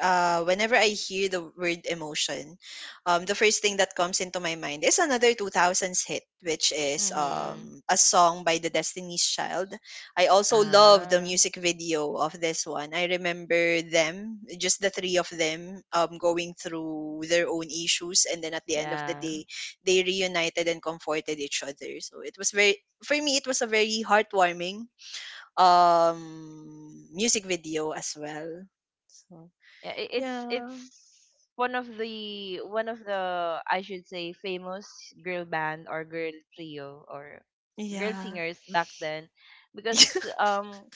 [SPEAKER 1] uh whenever I hear the word emotion, the first thing that comes into my mind is another 2000s hit which is
[SPEAKER 2] Mm-hmm.
[SPEAKER 1] a song by the Destiny's Child. I also love the
[SPEAKER 2] Ah,
[SPEAKER 1] music video of this one. I remember them, just the three of them going through their own issues and then at the end of the
[SPEAKER 2] yeah,
[SPEAKER 1] day they reunited and comforted each other. So it was very, for me it was a very heartwarming music video as well. So
[SPEAKER 2] yeah. It's
[SPEAKER 1] yeah.
[SPEAKER 2] one of the, I should say, famous girl band or girl trio or girl
[SPEAKER 1] Yeah.
[SPEAKER 2] singers back then. Because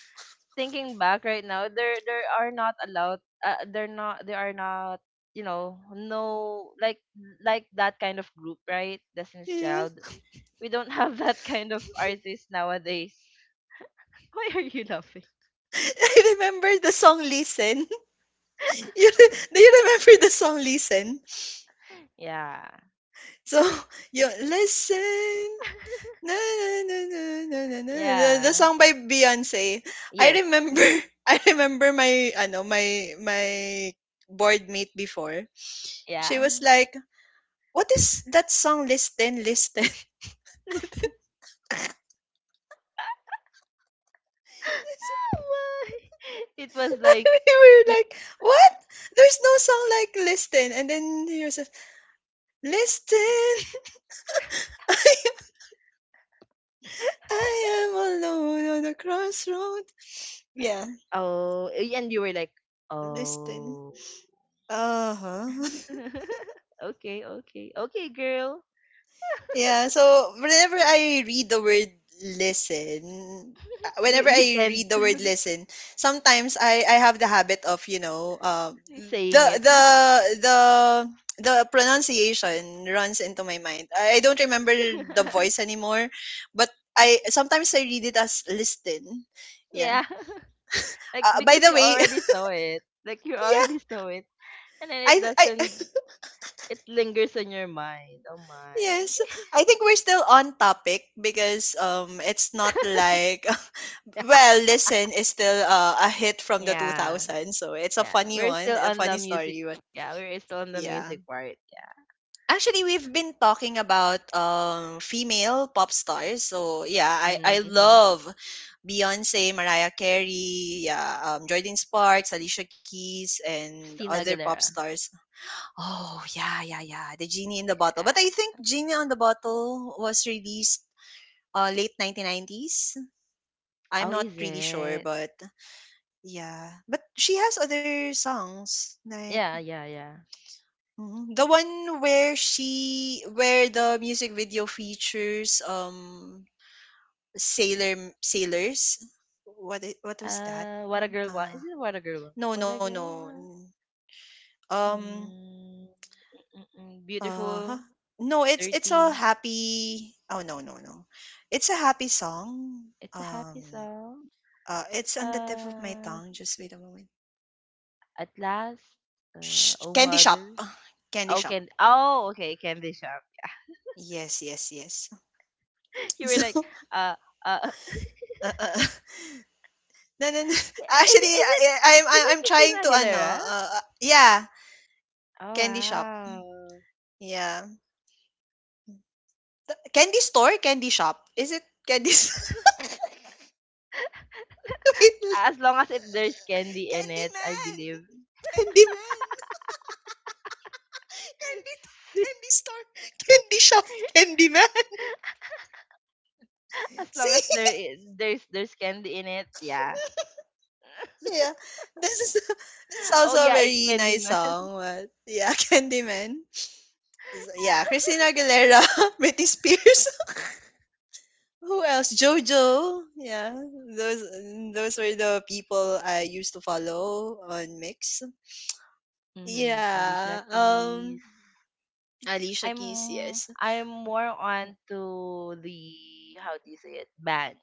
[SPEAKER 2] thinking back right now, there are not allowed. They're not. They are not. You know, no, like that kind of group, right? Destiny's
[SPEAKER 1] Yeah.
[SPEAKER 2] Child. We don't have that kind of artist nowadays. Why are you laughing?
[SPEAKER 1] I remember the song Listen. You, do you remember the song Listen?
[SPEAKER 2] Yeah,
[SPEAKER 1] So, you listen. Na, na, na, na, na, na, na, na, the
[SPEAKER 2] yeah,
[SPEAKER 1] song by Beyonce. I
[SPEAKER 2] yes,
[SPEAKER 1] remember I remember my ano my my board mate before. She
[SPEAKER 2] yeah.
[SPEAKER 1] was like, "What is that song Listen Listen?"
[SPEAKER 2] Listen. Why? It was like
[SPEAKER 1] We were
[SPEAKER 2] you-
[SPEAKER 1] like, what? There's no song like Listen. And then Yusuf, Listen, I am alone on the crossroad. Yeah,
[SPEAKER 2] oh, and you were like
[SPEAKER 1] Listen.
[SPEAKER 2] oh.
[SPEAKER 1] Uh huh.
[SPEAKER 2] Okay, okay, okay, girl.
[SPEAKER 1] Yeah, so listen,
[SPEAKER 2] You
[SPEAKER 1] whenever
[SPEAKER 2] you
[SPEAKER 1] I
[SPEAKER 2] tend.
[SPEAKER 1] read the word listen, sometimes I have the habit of, you know,
[SPEAKER 2] Please
[SPEAKER 1] the
[SPEAKER 2] saying it.
[SPEAKER 1] the the the pronunciation runs into my mind. I don't remember the voice anymore, but I sometimes I read it as listen. Yeah.
[SPEAKER 2] Yeah. Like
[SPEAKER 1] By
[SPEAKER 2] because
[SPEAKER 1] the
[SPEAKER 2] you
[SPEAKER 1] way,
[SPEAKER 2] already saw it. Like you
[SPEAKER 1] yeah,
[SPEAKER 2] already saw it. And then it
[SPEAKER 1] I
[SPEAKER 2] doesn't, it lingers on your mind. Oh my.
[SPEAKER 1] yes, I think we're still on topic because it's not like well, listen is still, a hit from the
[SPEAKER 2] Yeah.
[SPEAKER 1] 2000s, so it's a
[SPEAKER 2] Yeah.
[SPEAKER 1] funny
[SPEAKER 2] We're
[SPEAKER 1] one,
[SPEAKER 2] still
[SPEAKER 1] a
[SPEAKER 2] on the
[SPEAKER 1] funny
[SPEAKER 2] music.
[SPEAKER 1] story, but
[SPEAKER 2] Yeah, we're still on the
[SPEAKER 1] yeah.
[SPEAKER 2] music part. Yeah.
[SPEAKER 1] Actually, we've been talking about female pop stars, so yeah,
[SPEAKER 2] Mm-hmm,
[SPEAKER 1] I
[SPEAKER 2] mm-hmm.
[SPEAKER 1] love Beyonce, Mariah Carey, yeah, Jordan Sparks, Alicia Keys, and
[SPEAKER 2] Christina
[SPEAKER 1] other pop
[SPEAKER 2] Aguilera.
[SPEAKER 1] stars. Oh yeah, yeah, yeah, the Genie in the Bottle. But I
[SPEAKER 2] Yeah.
[SPEAKER 1] think Genie on the Bottle was released late 1990s. I'm
[SPEAKER 2] Oh,
[SPEAKER 1] not
[SPEAKER 2] is
[SPEAKER 1] really sure,
[SPEAKER 2] it?
[SPEAKER 1] but yeah, but she has other songs like
[SPEAKER 2] Yeah, yeah, yeah.
[SPEAKER 1] mhm, the one where she where the music video features sailors. What was that?
[SPEAKER 2] What a girl wants.
[SPEAKER 1] Uh
[SPEAKER 2] Is it what a girl wants?
[SPEAKER 1] no
[SPEAKER 2] What
[SPEAKER 1] no
[SPEAKER 2] a
[SPEAKER 1] no.
[SPEAKER 2] girl wants.
[SPEAKER 1] n- Um
[SPEAKER 2] Mm,
[SPEAKER 1] uh huh.
[SPEAKER 2] Beautiful,
[SPEAKER 1] No, it's a
[SPEAKER 2] dirty.
[SPEAKER 1] happy. Oh no no no. It's a happy song.
[SPEAKER 2] It's a happy song.
[SPEAKER 1] It's on the tip of my
[SPEAKER 2] Uh,
[SPEAKER 1] tongue. Just wait a moment.
[SPEAKER 2] at last, oh
[SPEAKER 1] Candy shop.
[SPEAKER 2] mothers.
[SPEAKER 1] Candy
[SPEAKER 2] Oh,
[SPEAKER 1] shop.
[SPEAKER 2] can oh okay, candy shop.
[SPEAKER 1] Yes, yes, yes.
[SPEAKER 2] You were like, uh, uh,
[SPEAKER 1] Uh no, no, no.
[SPEAKER 2] is,
[SPEAKER 1] Actually,
[SPEAKER 2] is
[SPEAKER 1] I
[SPEAKER 2] it
[SPEAKER 1] eh,
[SPEAKER 2] is it
[SPEAKER 1] I'm
[SPEAKER 2] Christina
[SPEAKER 1] trying to
[SPEAKER 2] Aguilera?
[SPEAKER 1] yeah,
[SPEAKER 2] Oh
[SPEAKER 1] candy shop.
[SPEAKER 2] wow!
[SPEAKER 1] Yeah. Candy store, candy shop. Is it wait,
[SPEAKER 2] As long as it there's candy in
[SPEAKER 1] candy
[SPEAKER 2] it, I
[SPEAKER 1] man.
[SPEAKER 2] believe.
[SPEAKER 1] Candy man. Candy, candy store, candy shop, candy man.
[SPEAKER 2] As long
[SPEAKER 1] See?
[SPEAKER 2] as there's candy in it, yeah.
[SPEAKER 1] Yeah. This is this is
[SPEAKER 2] Oh
[SPEAKER 1] also a
[SPEAKER 2] yeah, it's
[SPEAKER 1] very nice
[SPEAKER 2] Candyman.
[SPEAKER 1] song. But yeah, candy man. Yeah, Christina Aguilera, Britney Spears. Who else? JoJo. Yeah, those those were the people I used to follow on Mix.
[SPEAKER 2] Mm-hmm.
[SPEAKER 1] Yeah.
[SPEAKER 2] Alicia Keys.
[SPEAKER 1] Alicia Keys.
[SPEAKER 2] I'm
[SPEAKER 1] Yes.
[SPEAKER 2] I'm more on to the, how do you say it, band,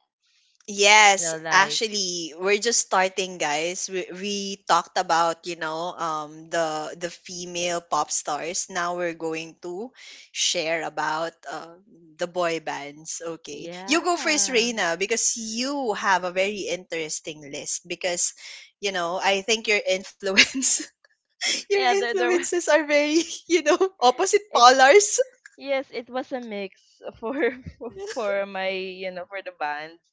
[SPEAKER 2] you
[SPEAKER 1] Yes,
[SPEAKER 2] know, like,
[SPEAKER 1] actually, we're just starting, guys. We talked about, you know, the female pop stars. Now we're going to share about the boy bands. Okay, you go first,
[SPEAKER 2] yeah,
[SPEAKER 1] Reina, because you have a very interesting list. Because, you know, I think your
[SPEAKER 2] yeah, there were,
[SPEAKER 1] influences are very, you know, opposite
[SPEAKER 2] it's
[SPEAKER 1] polars.
[SPEAKER 2] yes, it was a mix for, for my, you know, for the bands,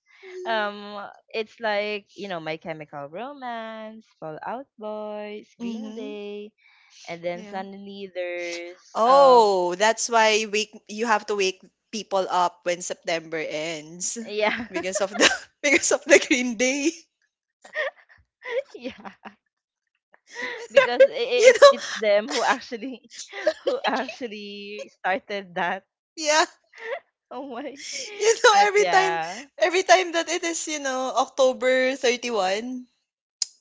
[SPEAKER 2] um it's like, you know, My Chemical Romance, Fallout Boys, Green
[SPEAKER 1] Mm-hmm.
[SPEAKER 2] Day. And then suddenly there's,
[SPEAKER 1] Oh, that's why wake you have to wake people up when September ends
[SPEAKER 2] yeah.
[SPEAKER 1] because of the because of the Green Day.
[SPEAKER 2] Yeah,
[SPEAKER 1] Whenever
[SPEAKER 2] because i i-
[SPEAKER 1] you
[SPEAKER 2] it's
[SPEAKER 1] know,
[SPEAKER 2] it's them who actually who actually started that.
[SPEAKER 1] yeah,
[SPEAKER 2] Oh my.
[SPEAKER 1] you know
[SPEAKER 2] And yeah,
[SPEAKER 1] every time that it is you know October 31,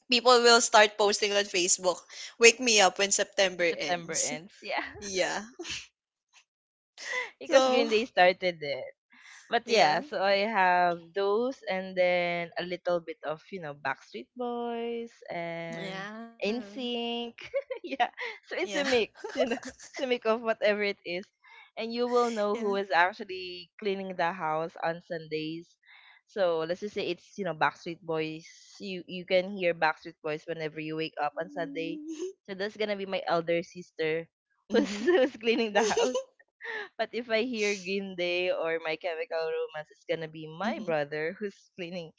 [SPEAKER 1] people will start posting on Facebook, "Wake me up when September
[SPEAKER 2] and September
[SPEAKER 1] ends."
[SPEAKER 2] ends, yeah.
[SPEAKER 1] Yeah.
[SPEAKER 2] Because
[SPEAKER 1] So
[SPEAKER 2] Green Day started it. But yeah,
[SPEAKER 1] yeah,
[SPEAKER 2] so I have those and then a little bit of, you know, Backstreet Boys and
[SPEAKER 1] yeah,
[SPEAKER 2] NSYNC. Yeah. So
[SPEAKER 1] yeah,
[SPEAKER 2] it's a mix, you know. It's a mix of whatever it is. And you will know
[SPEAKER 1] yeah.
[SPEAKER 2] who is actually cleaning the house on Sundays. So let's just say it's, you know, Backstreet Boys. You can hear Backstreet Boys whenever you wake up on Sunday. So that's gonna be my elder sister who's
[SPEAKER 1] Mm-hmm.
[SPEAKER 2] who's cleaning the house. But if I hear Green Day or My Chemical Romance, it's gonna be my
[SPEAKER 1] Mm-hmm.
[SPEAKER 2] brother who's cleaning.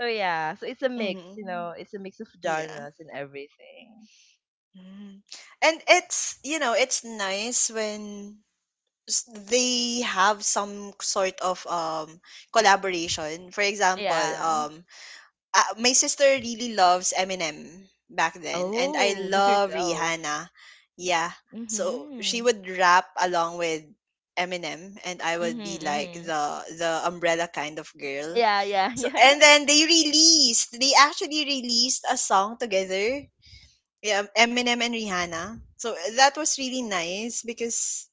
[SPEAKER 2] So yeah, so it's a mix, you
[SPEAKER 1] Mm-hmm.
[SPEAKER 2] know, it's a mix of
[SPEAKER 1] Yeah.
[SPEAKER 2] genres and everything.
[SPEAKER 1] Mm. And it's, you know, it's nice when they have some sort of collaboration. For example,
[SPEAKER 2] Yeah.
[SPEAKER 1] my sister really loves Eminem back then, and I
[SPEAKER 2] Oh, lose
[SPEAKER 1] love
[SPEAKER 2] yourself.
[SPEAKER 1] Rihanna. Yeah. So she
[SPEAKER 2] Mhm.
[SPEAKER 1] would rap along with Eminem, and I
[SPEAKER 2] Mhm.
[SPEAKER 1] would be like
[SPEAKER 2] Mhm.
[SPEAKER 1] the umbrella kind of girl.
[SPEAKER 2] Yeah. Yeah.
[SPEAKER 1] So
[SPEAKER 2] Yeah.
[SPEAKER 1] and then they released, they actually released a song together, yeah, Eminem and Rihanna. So that was really nice because,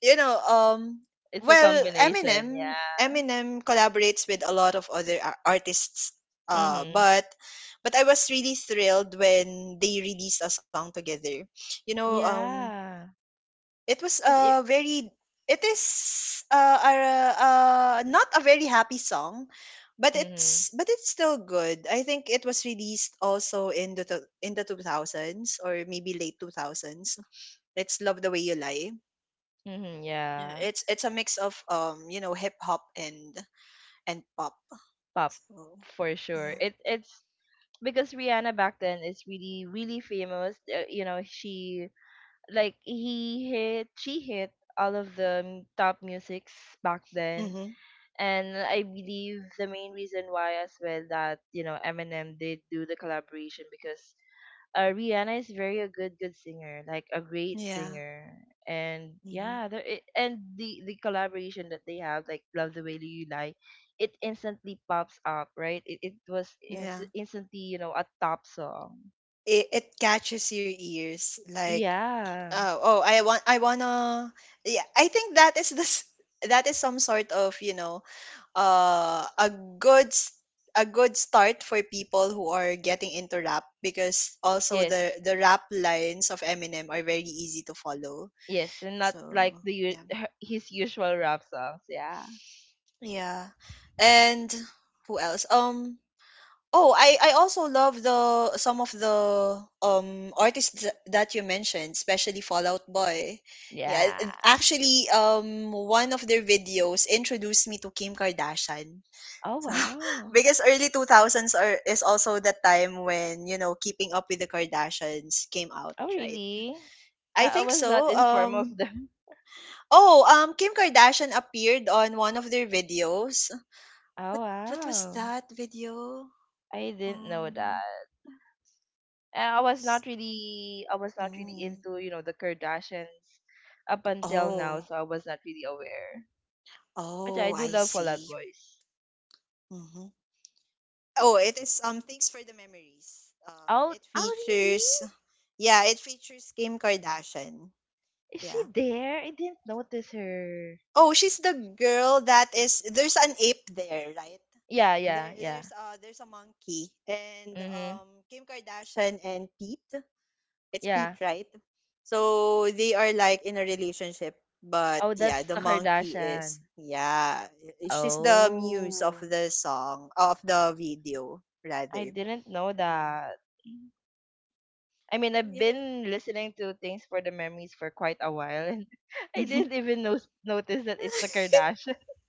[SPEAKER 1] you know,
[SPEAKER 2] It's a
[SPEAKER 1] well,
[SPEAKER 2] combination. Yeah.
[SPEAKER 1] Eminem collaborates with a lot of other artists. Uh,
[SPEAKER 2] Mhm.
[SPEAKER 1] but but I was really thrilled when they released a song together. You know,
[SPEAKER 2] Yeah.
[SPEAKER 1] it was
[SPEAKER 2] Cause it.
[SPEAKER 1] a very it is not a very happy song, but
[SPEAKER 2] Mhm.
[SPEAKER 1] it's still good. I think it was released also in the 2000s, or maybe late 2000s. It's Love the Way You Lie.
[SPEAKER 2] Mhm.
[SPEAKER 1] Yeah,
[SPEAKER 2] Yeah.
[SPEAKER 1] it's a mix of you know, hip hop and pop.
[SPEAKER 2] Pop,
[SPEAKER 1] So
[SPEAKER 2] for sure.
[SPEAKER 1] yeah.
[SPEAKER 2] It. It's because Rihanna back then is really, really famous. You know, she, like, he hit she hit all of the top musics back then.
[SPEAKER 1] Mhm.
[SPEAKER 2] And I believe the main reason why as well that, you know, Eminem did do the collaboration, because Rihanna is very a good singer, like a great
[SPEAKER 1] Yeah.
[SPEAKER 2] singer. And
[SPEAKER 1] Mhm.
[SPEAKER 2] yeah, and the collaboration that they have, like Love the Way That You Lie, it instantly pops up, right? It was
[SPEAKER 1] Yeah.
[SPEAKER 2] instantly, you know, a top song,
[SPEAKER 1] It catches your ears like,
[SPEAKER 2] yeah.
[SPEAKER 1] Oh, oh, I want I wanna yeah, I think that is this that is some sort of, you know, uh a good s- a good start for people who are getting into rap, because also
[SPEAKER 2] Yes.
[SPEAKER 1] the rap lines of Eminem are very easy to follow.
[SPEAKER 2] Yes, and not like
[SPEAKER 1] So,
[SPEAKER 2] the
[SPEAKER 1] yeah.
[SPEAKER 2] his usual rap songs. Yeah,
[SPEAKER 1] Yeah. And who else? I also love the some of the artists that you mentioned, especially Fallout Boy. Yeah,
[SPEAKER 2] yeah.
[SPEAKER 1] and actually, one of their videos introduced me to Kim Kardashian.
[SPEAKER 2] Oh
[SPEAKER 1] So,
[SPEAKER 2] wow.
[SPEAKER 1] because early two thousands are is also the time when, you know, Keeping Up with the Kardashians came out,
[SPEAKER 2] Oh
[SPEAKER 1] right?
[SPEAKER 2] really?
[SPEAKER 1] I
[SPEAKER 2] I
[SPEAKER 1] think
[SPEAKER 2] was not
[SPEAKER 1] so.
[SPEAKER 2] informed of them.
[SPEAKER 1] Oh, Kim Kardashian appeared on one of their videos.
[SPEAKER 2] Oh
[SPEAKER 1] What what was
[SPEAKER 2] wow.
[SPEAKER 1] that video?
[SPEAKER 2] I didn't know
[SPEAKER 1] Um.
[SPEAKER 2] that. I was not really
[SPEAKER 1] Oh.
[SPEAKER 2] into, you know, the Kardashians up until now,
[SPEAKER 1] Oh.
[SPEAKER 2] so I was not really aware. But yeah, I
[SPEAKER 1] Oh,
[SPEAKER 2] do
[SPEAKER 1] I
[SPEAKER 2] love Fall Out
[SPEAKER 1] see.
[SPEAKER 2] Boys.
[SPEAKER 1] Mhm. Oh, it is, Thanks for the Memories.
[SPEAKER 2] Oh,
[SPEAKER 1] It
[SPEAKER 2] oh
[SPEAKER 1] features,
[SPEAKER 2] really?
[SPEAKER 1] yeah, it features Kim Kardashian.
[SPEAKER 2] Is she
[SPEAKER 1] Yeah.
[SPEAKER 2] there? I didn't notice her.
[SPEAKER 1] Oh, she's the girl that is there's an ape there, right?
[SPEAKER 2] Yeah, yeah,
[SPEAKER 1] There,
[SPEAKER 2] yeah.
[SPEAKER 1] there's uh there's a monkey and
[SPEAKER 2] Mhm.
[SPEAKER 1] Kim Kardashian and Pete. It's
[SPEAKER 2] Yeah.
[SPEAKER 1] Pete, right? So they are like in a relationship, but
[SPEAKER 2] Oh,
[SPEAKER 1] yeah,
[SPEAKER 2] that's
[SPEAKER 1] the
[SPEAKER 2] the
[SPEAKER 1] monkey is,
[SPEAKER 2] Kardashian.
[SPEAKER 1] yeah, she's the muse of
[SPEAKER 2] Oh,
[SPEAKER 1] the song, of the video
[SPEAKER 2] I
[SPEAKER 1] rather.
[SPEAKER 2] didn't know
[SPEAKER 1] Yeah.
[SPEAKER 2] that. I mean, I've
[SPEAKER 1] Yeah.
[SPEAKER 2] been listening to Things for the Memories for quite a while, and I didn't even notice that it's the Kardashian.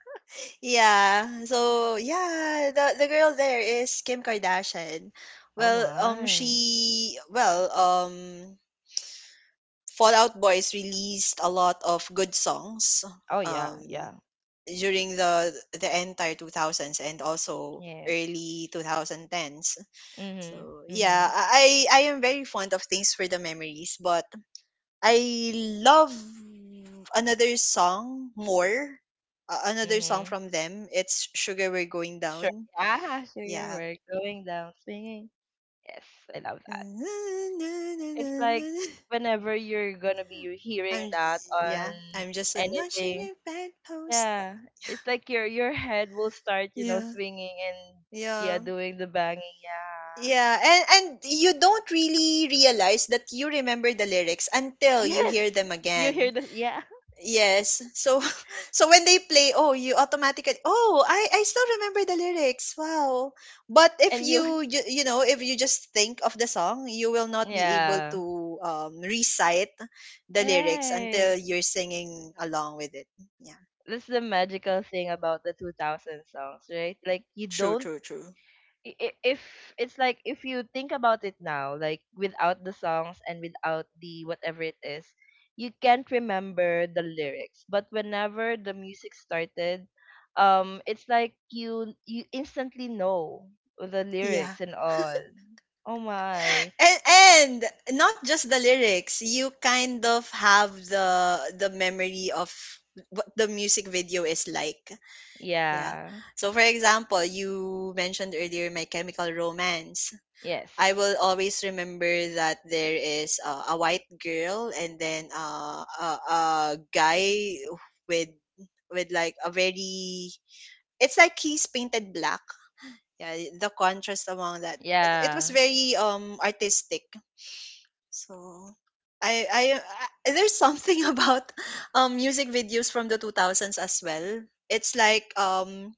[SPEAKER 1] yeah. So yeah, the girl there is Kim Kardashian.
[SPEAKER 2] Oh
[SPEAKER 1] Well,
[SPEAKER 2] my.
[SPEAKER 1] she well, Fallout Boys released a lot of good songs.
[SPEAKER 2] Oh yeah,
[SPEAKER 1] Um,
[SPEAKER 2] yeah.
[SPEAKER 1] during the entire 2000s and also
[SPEAKER 2] Yes.
[SPEAKER 1] early 2010s.
[SPEAKER 2] Mhm.
[SPEAKER 1] So yeah,
[SPEAKER 2] Mhm.
[SPEAKER 1] I am very fond of Things for the Memories, but I love another song more. Another song
[SPEAKER 2] Mhm.
[SPEAKER 1] from them, it's Sugar We're Going
[SPEAKER 2] Sure.
[SPEAKER 1] Down.
[SPEAKER 2] Yeah, sure your
[SPEAKER 1] Yeah.
[SPEAKER 2] work going down swinging. Yes, I love that. It's like whenever you're gonna be
[SPEAKER 1] i'm,
[SPEAKER 2] hearing that
[SPEAKER 1] yeah,
[SPEAKER 2] on
[SPEAKER 1] I'm just a notch in
[SPEAKER 2] anything.
[SPEAKER 1] your bedpost.
[SPEAKER 2] Yeah, it's like your head will start, you know,
[SPEAKER 1] Yeah.
[SPEAKER 2] swinging and, yeah,
[SPEAKER 1] Yeah.
[SPEAKER 2] doing the banging. Yeah.
[SPEAKER 1] Yeah, and you don't really realize that you remember the lyrics until you hear
[SPEAKER 2] Yes,
[SPEAKER 1] them
[SPEAKER 2] you
[SPEAKER 1] again.
[SPEAKER 2] hear the, yeah,
[SPEAKER 1] Yes. So, so when they play, oh, you automatically, oh, I still remember the lyrics. Wow. But if
[SPEAKER 2] and you,
[SPEAKER 1] you know, if you just think of the song, you will not be able
[SPEAKER 2] yeah.
[SPEAKER 1] to recite the lyrics
[SPEAKER 2] Right.
[SPEAKER 1] until you're singing along with it. Yeah.
[SPEAKER 2] That's the magical thing about the 2000 songs, right? Like you
[SPEAKER 1] True,
[SPEAKER 2] don't.
[SPEAKER 1] true, true.
[SPEAKER 2] If it's like if you think about it now, like without the songs and without the whatever it is, you can't remember the lyrics. But whenever the music started, it's like you instantly know the
[SPEAKER 1] Yeah.
[SPEAKER 2] lyrics and all. Oh my.
[SPEAKER 1] And, and not just the lyrics, you kind of have the memory of what the music video is like. Yeah.
[SPEAKER 2] Yeah.
[SPEAKER 1] So for example, you mentioned earlier My Chemical Romance.
[SPEAKER 2] Yes.
[SPEAKER 1] I will always remember that there is a white girl, and then a guy with with like a very, it's like he's painted black. Yeah, the contrast among that. It was
[SPEAKER 2] Yeah.
[SPEAKER 1] very artistic. So, I, I I there's something about music videos from the 2000s as well. It's like,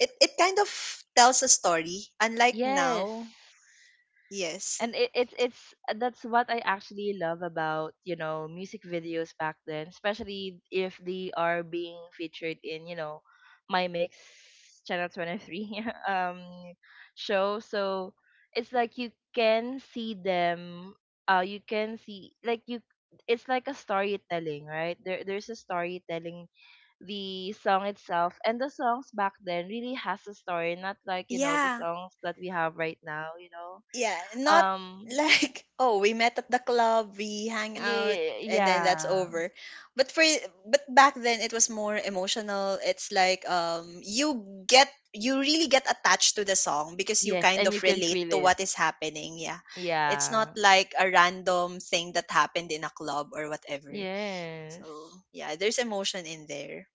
[SPEAKER 1] it it kind of tells a story, unlike now.
[SPEAKER 2] Yes,
[SPEAKER 1] Yes.
[SPEAKER 2] and it, it's that's what I actually love about, you know, music videos back then, especially if they are being featured in, you know, my Mix channel 23 um show. So it's like you can see them. You can see, like, you. It's like a storytelling, right? There's a storytelling, the song itself, and the songs back then really has a story, not like, you know, the
[SPEAKER 1] Yeah.
[SPEAKER 2] songs that we have right now, you know,
[SPEAKER 1] Yeah, not
[SPEAKER 2] um,
[SPEAKER 1] like, oh, we met at the club, we hang out, and then that's
[SPEAKER 2] yeah.
[SPEAKER 1] over. But for but back then, it was more emotional. It's like, you really get attached to the song because you
[SPEAKER 2] Yes,
[SPEAKER 1] kind
[SPEAKER 2] and
[SPEAKER 1] of
[SPEAKER 2] you can
[SPEAKER 1] relate
[SPEAKER 2] feel
[SPEAKER 1] to
[SPEAKER 2] it.
[SPEAKER 1] what is happening. Yeah. It's not
[SPEAKER 2] Yeah.
[SPEAKER 1] like a random thing that happened in a club or whatever. So,
[SPEAKER 2] Yes.
[SPEAKER 1] yeah, there's emotion in there.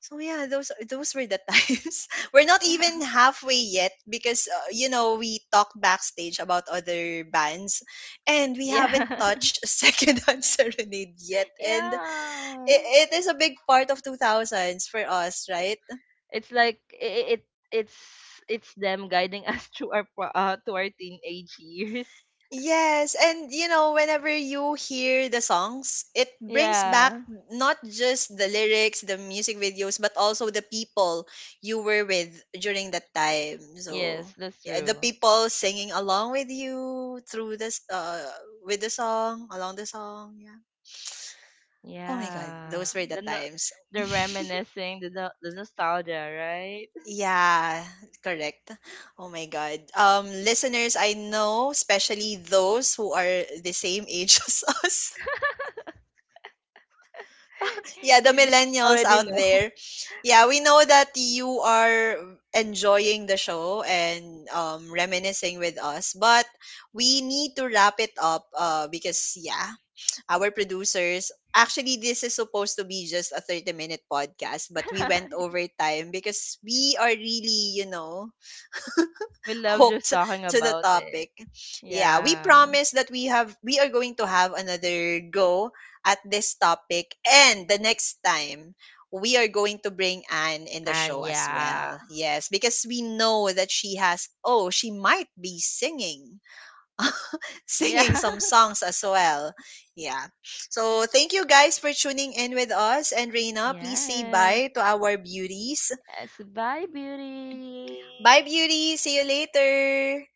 [SPEAKER 1] So yeah, those were the times. We're not
[SPEAKER 2] Yeah.
[SPEAKER 1] even halfway yet, because you know, we talked backstage about other bands, and we
[SPEAKER 2] Yeah.
[SPEAKER 1] haven't touched Secondhand Serenade yet. And
[SPEAKER 2] Yeah.
[SPEAKER 1] it is a big part of two thousands for us, right?
[SPEAKER 2] It's like it's them guiding us through our to our teenage years.
[SPEAKER 1] Yes, and you know, whenever you hear the songs, it brings back
[SPEAKER 2] Yeah.
[SPEAKER 1] not just the lyrics, the music videos, but also the people you were with during that time.
[SPEAKER 2] Yes,
[SPEAKER 1] So,
[SPEAKER 2] that's
[SPEAKER 1] yeah, the
[SPEAKER 2] true.
[SPEAKER 1] people singing along with you through this, with the song, along the song. Yeah. Oh my God,
[SPEAKER 2] Yeah.
[SPEAKER 1] those were the
[SPEAKER 2] The no-
[SPEAKER 1] times.
[SPEAKER 2] the reminiscing, the no- the nostalgia, right?
[SPEAKER 1] Yeah, correct. Oh my God. Listeners, I know, especially those who are the same age as us, yeah, the
[SPEAKER 2] They
[SPEAKER 1] millennials
[SPEAKER 2] already
[SPEAKER 1] out
[SPEAKER 2] know.
[SPEAKER 1] there. Yeah, we know that you are enjoying the show and, reminiscing with us, but we need to wrap it up, because, yeah, our producers, actually, this is supposed to be just a 30-minute minute podcast, but we went over time because we are really, you know,
[SPEAKER 2] We love just
[SPEAKER 1] hooked
[SPEAKER 2] talking
[SPEAKER 1] to the
[SPEAKER 2] about it.
[SPEAKER 1] topic. Yeah, we
[SPEAKER 2] Yeah.
[SPEAKER 1] promise that we are going to have another go at this topic, and the next time we are going to bring Anne in the
[SPEAKER 2] And
[SPEAKER 1] show as
[SPEAKER 2] yeah.
[SPEAKER 1] well. Yes, because we know that she has, oh, she might be singing, singing
[SPEAKER 2] Yeah.
[SPEAKER 1] some songs as well. Yeah. So thank you guys for tuning in with us, and Reina, please say
[SPEAKER 2] Yes.
[SPEAKER 1] bye to our beauties.
[SPEAKER 2] Yes. Bye,
[SPEAKER 1] Bye
[SPEAKER 2] beauty.
[SPEAKER 1] beauties, see you later.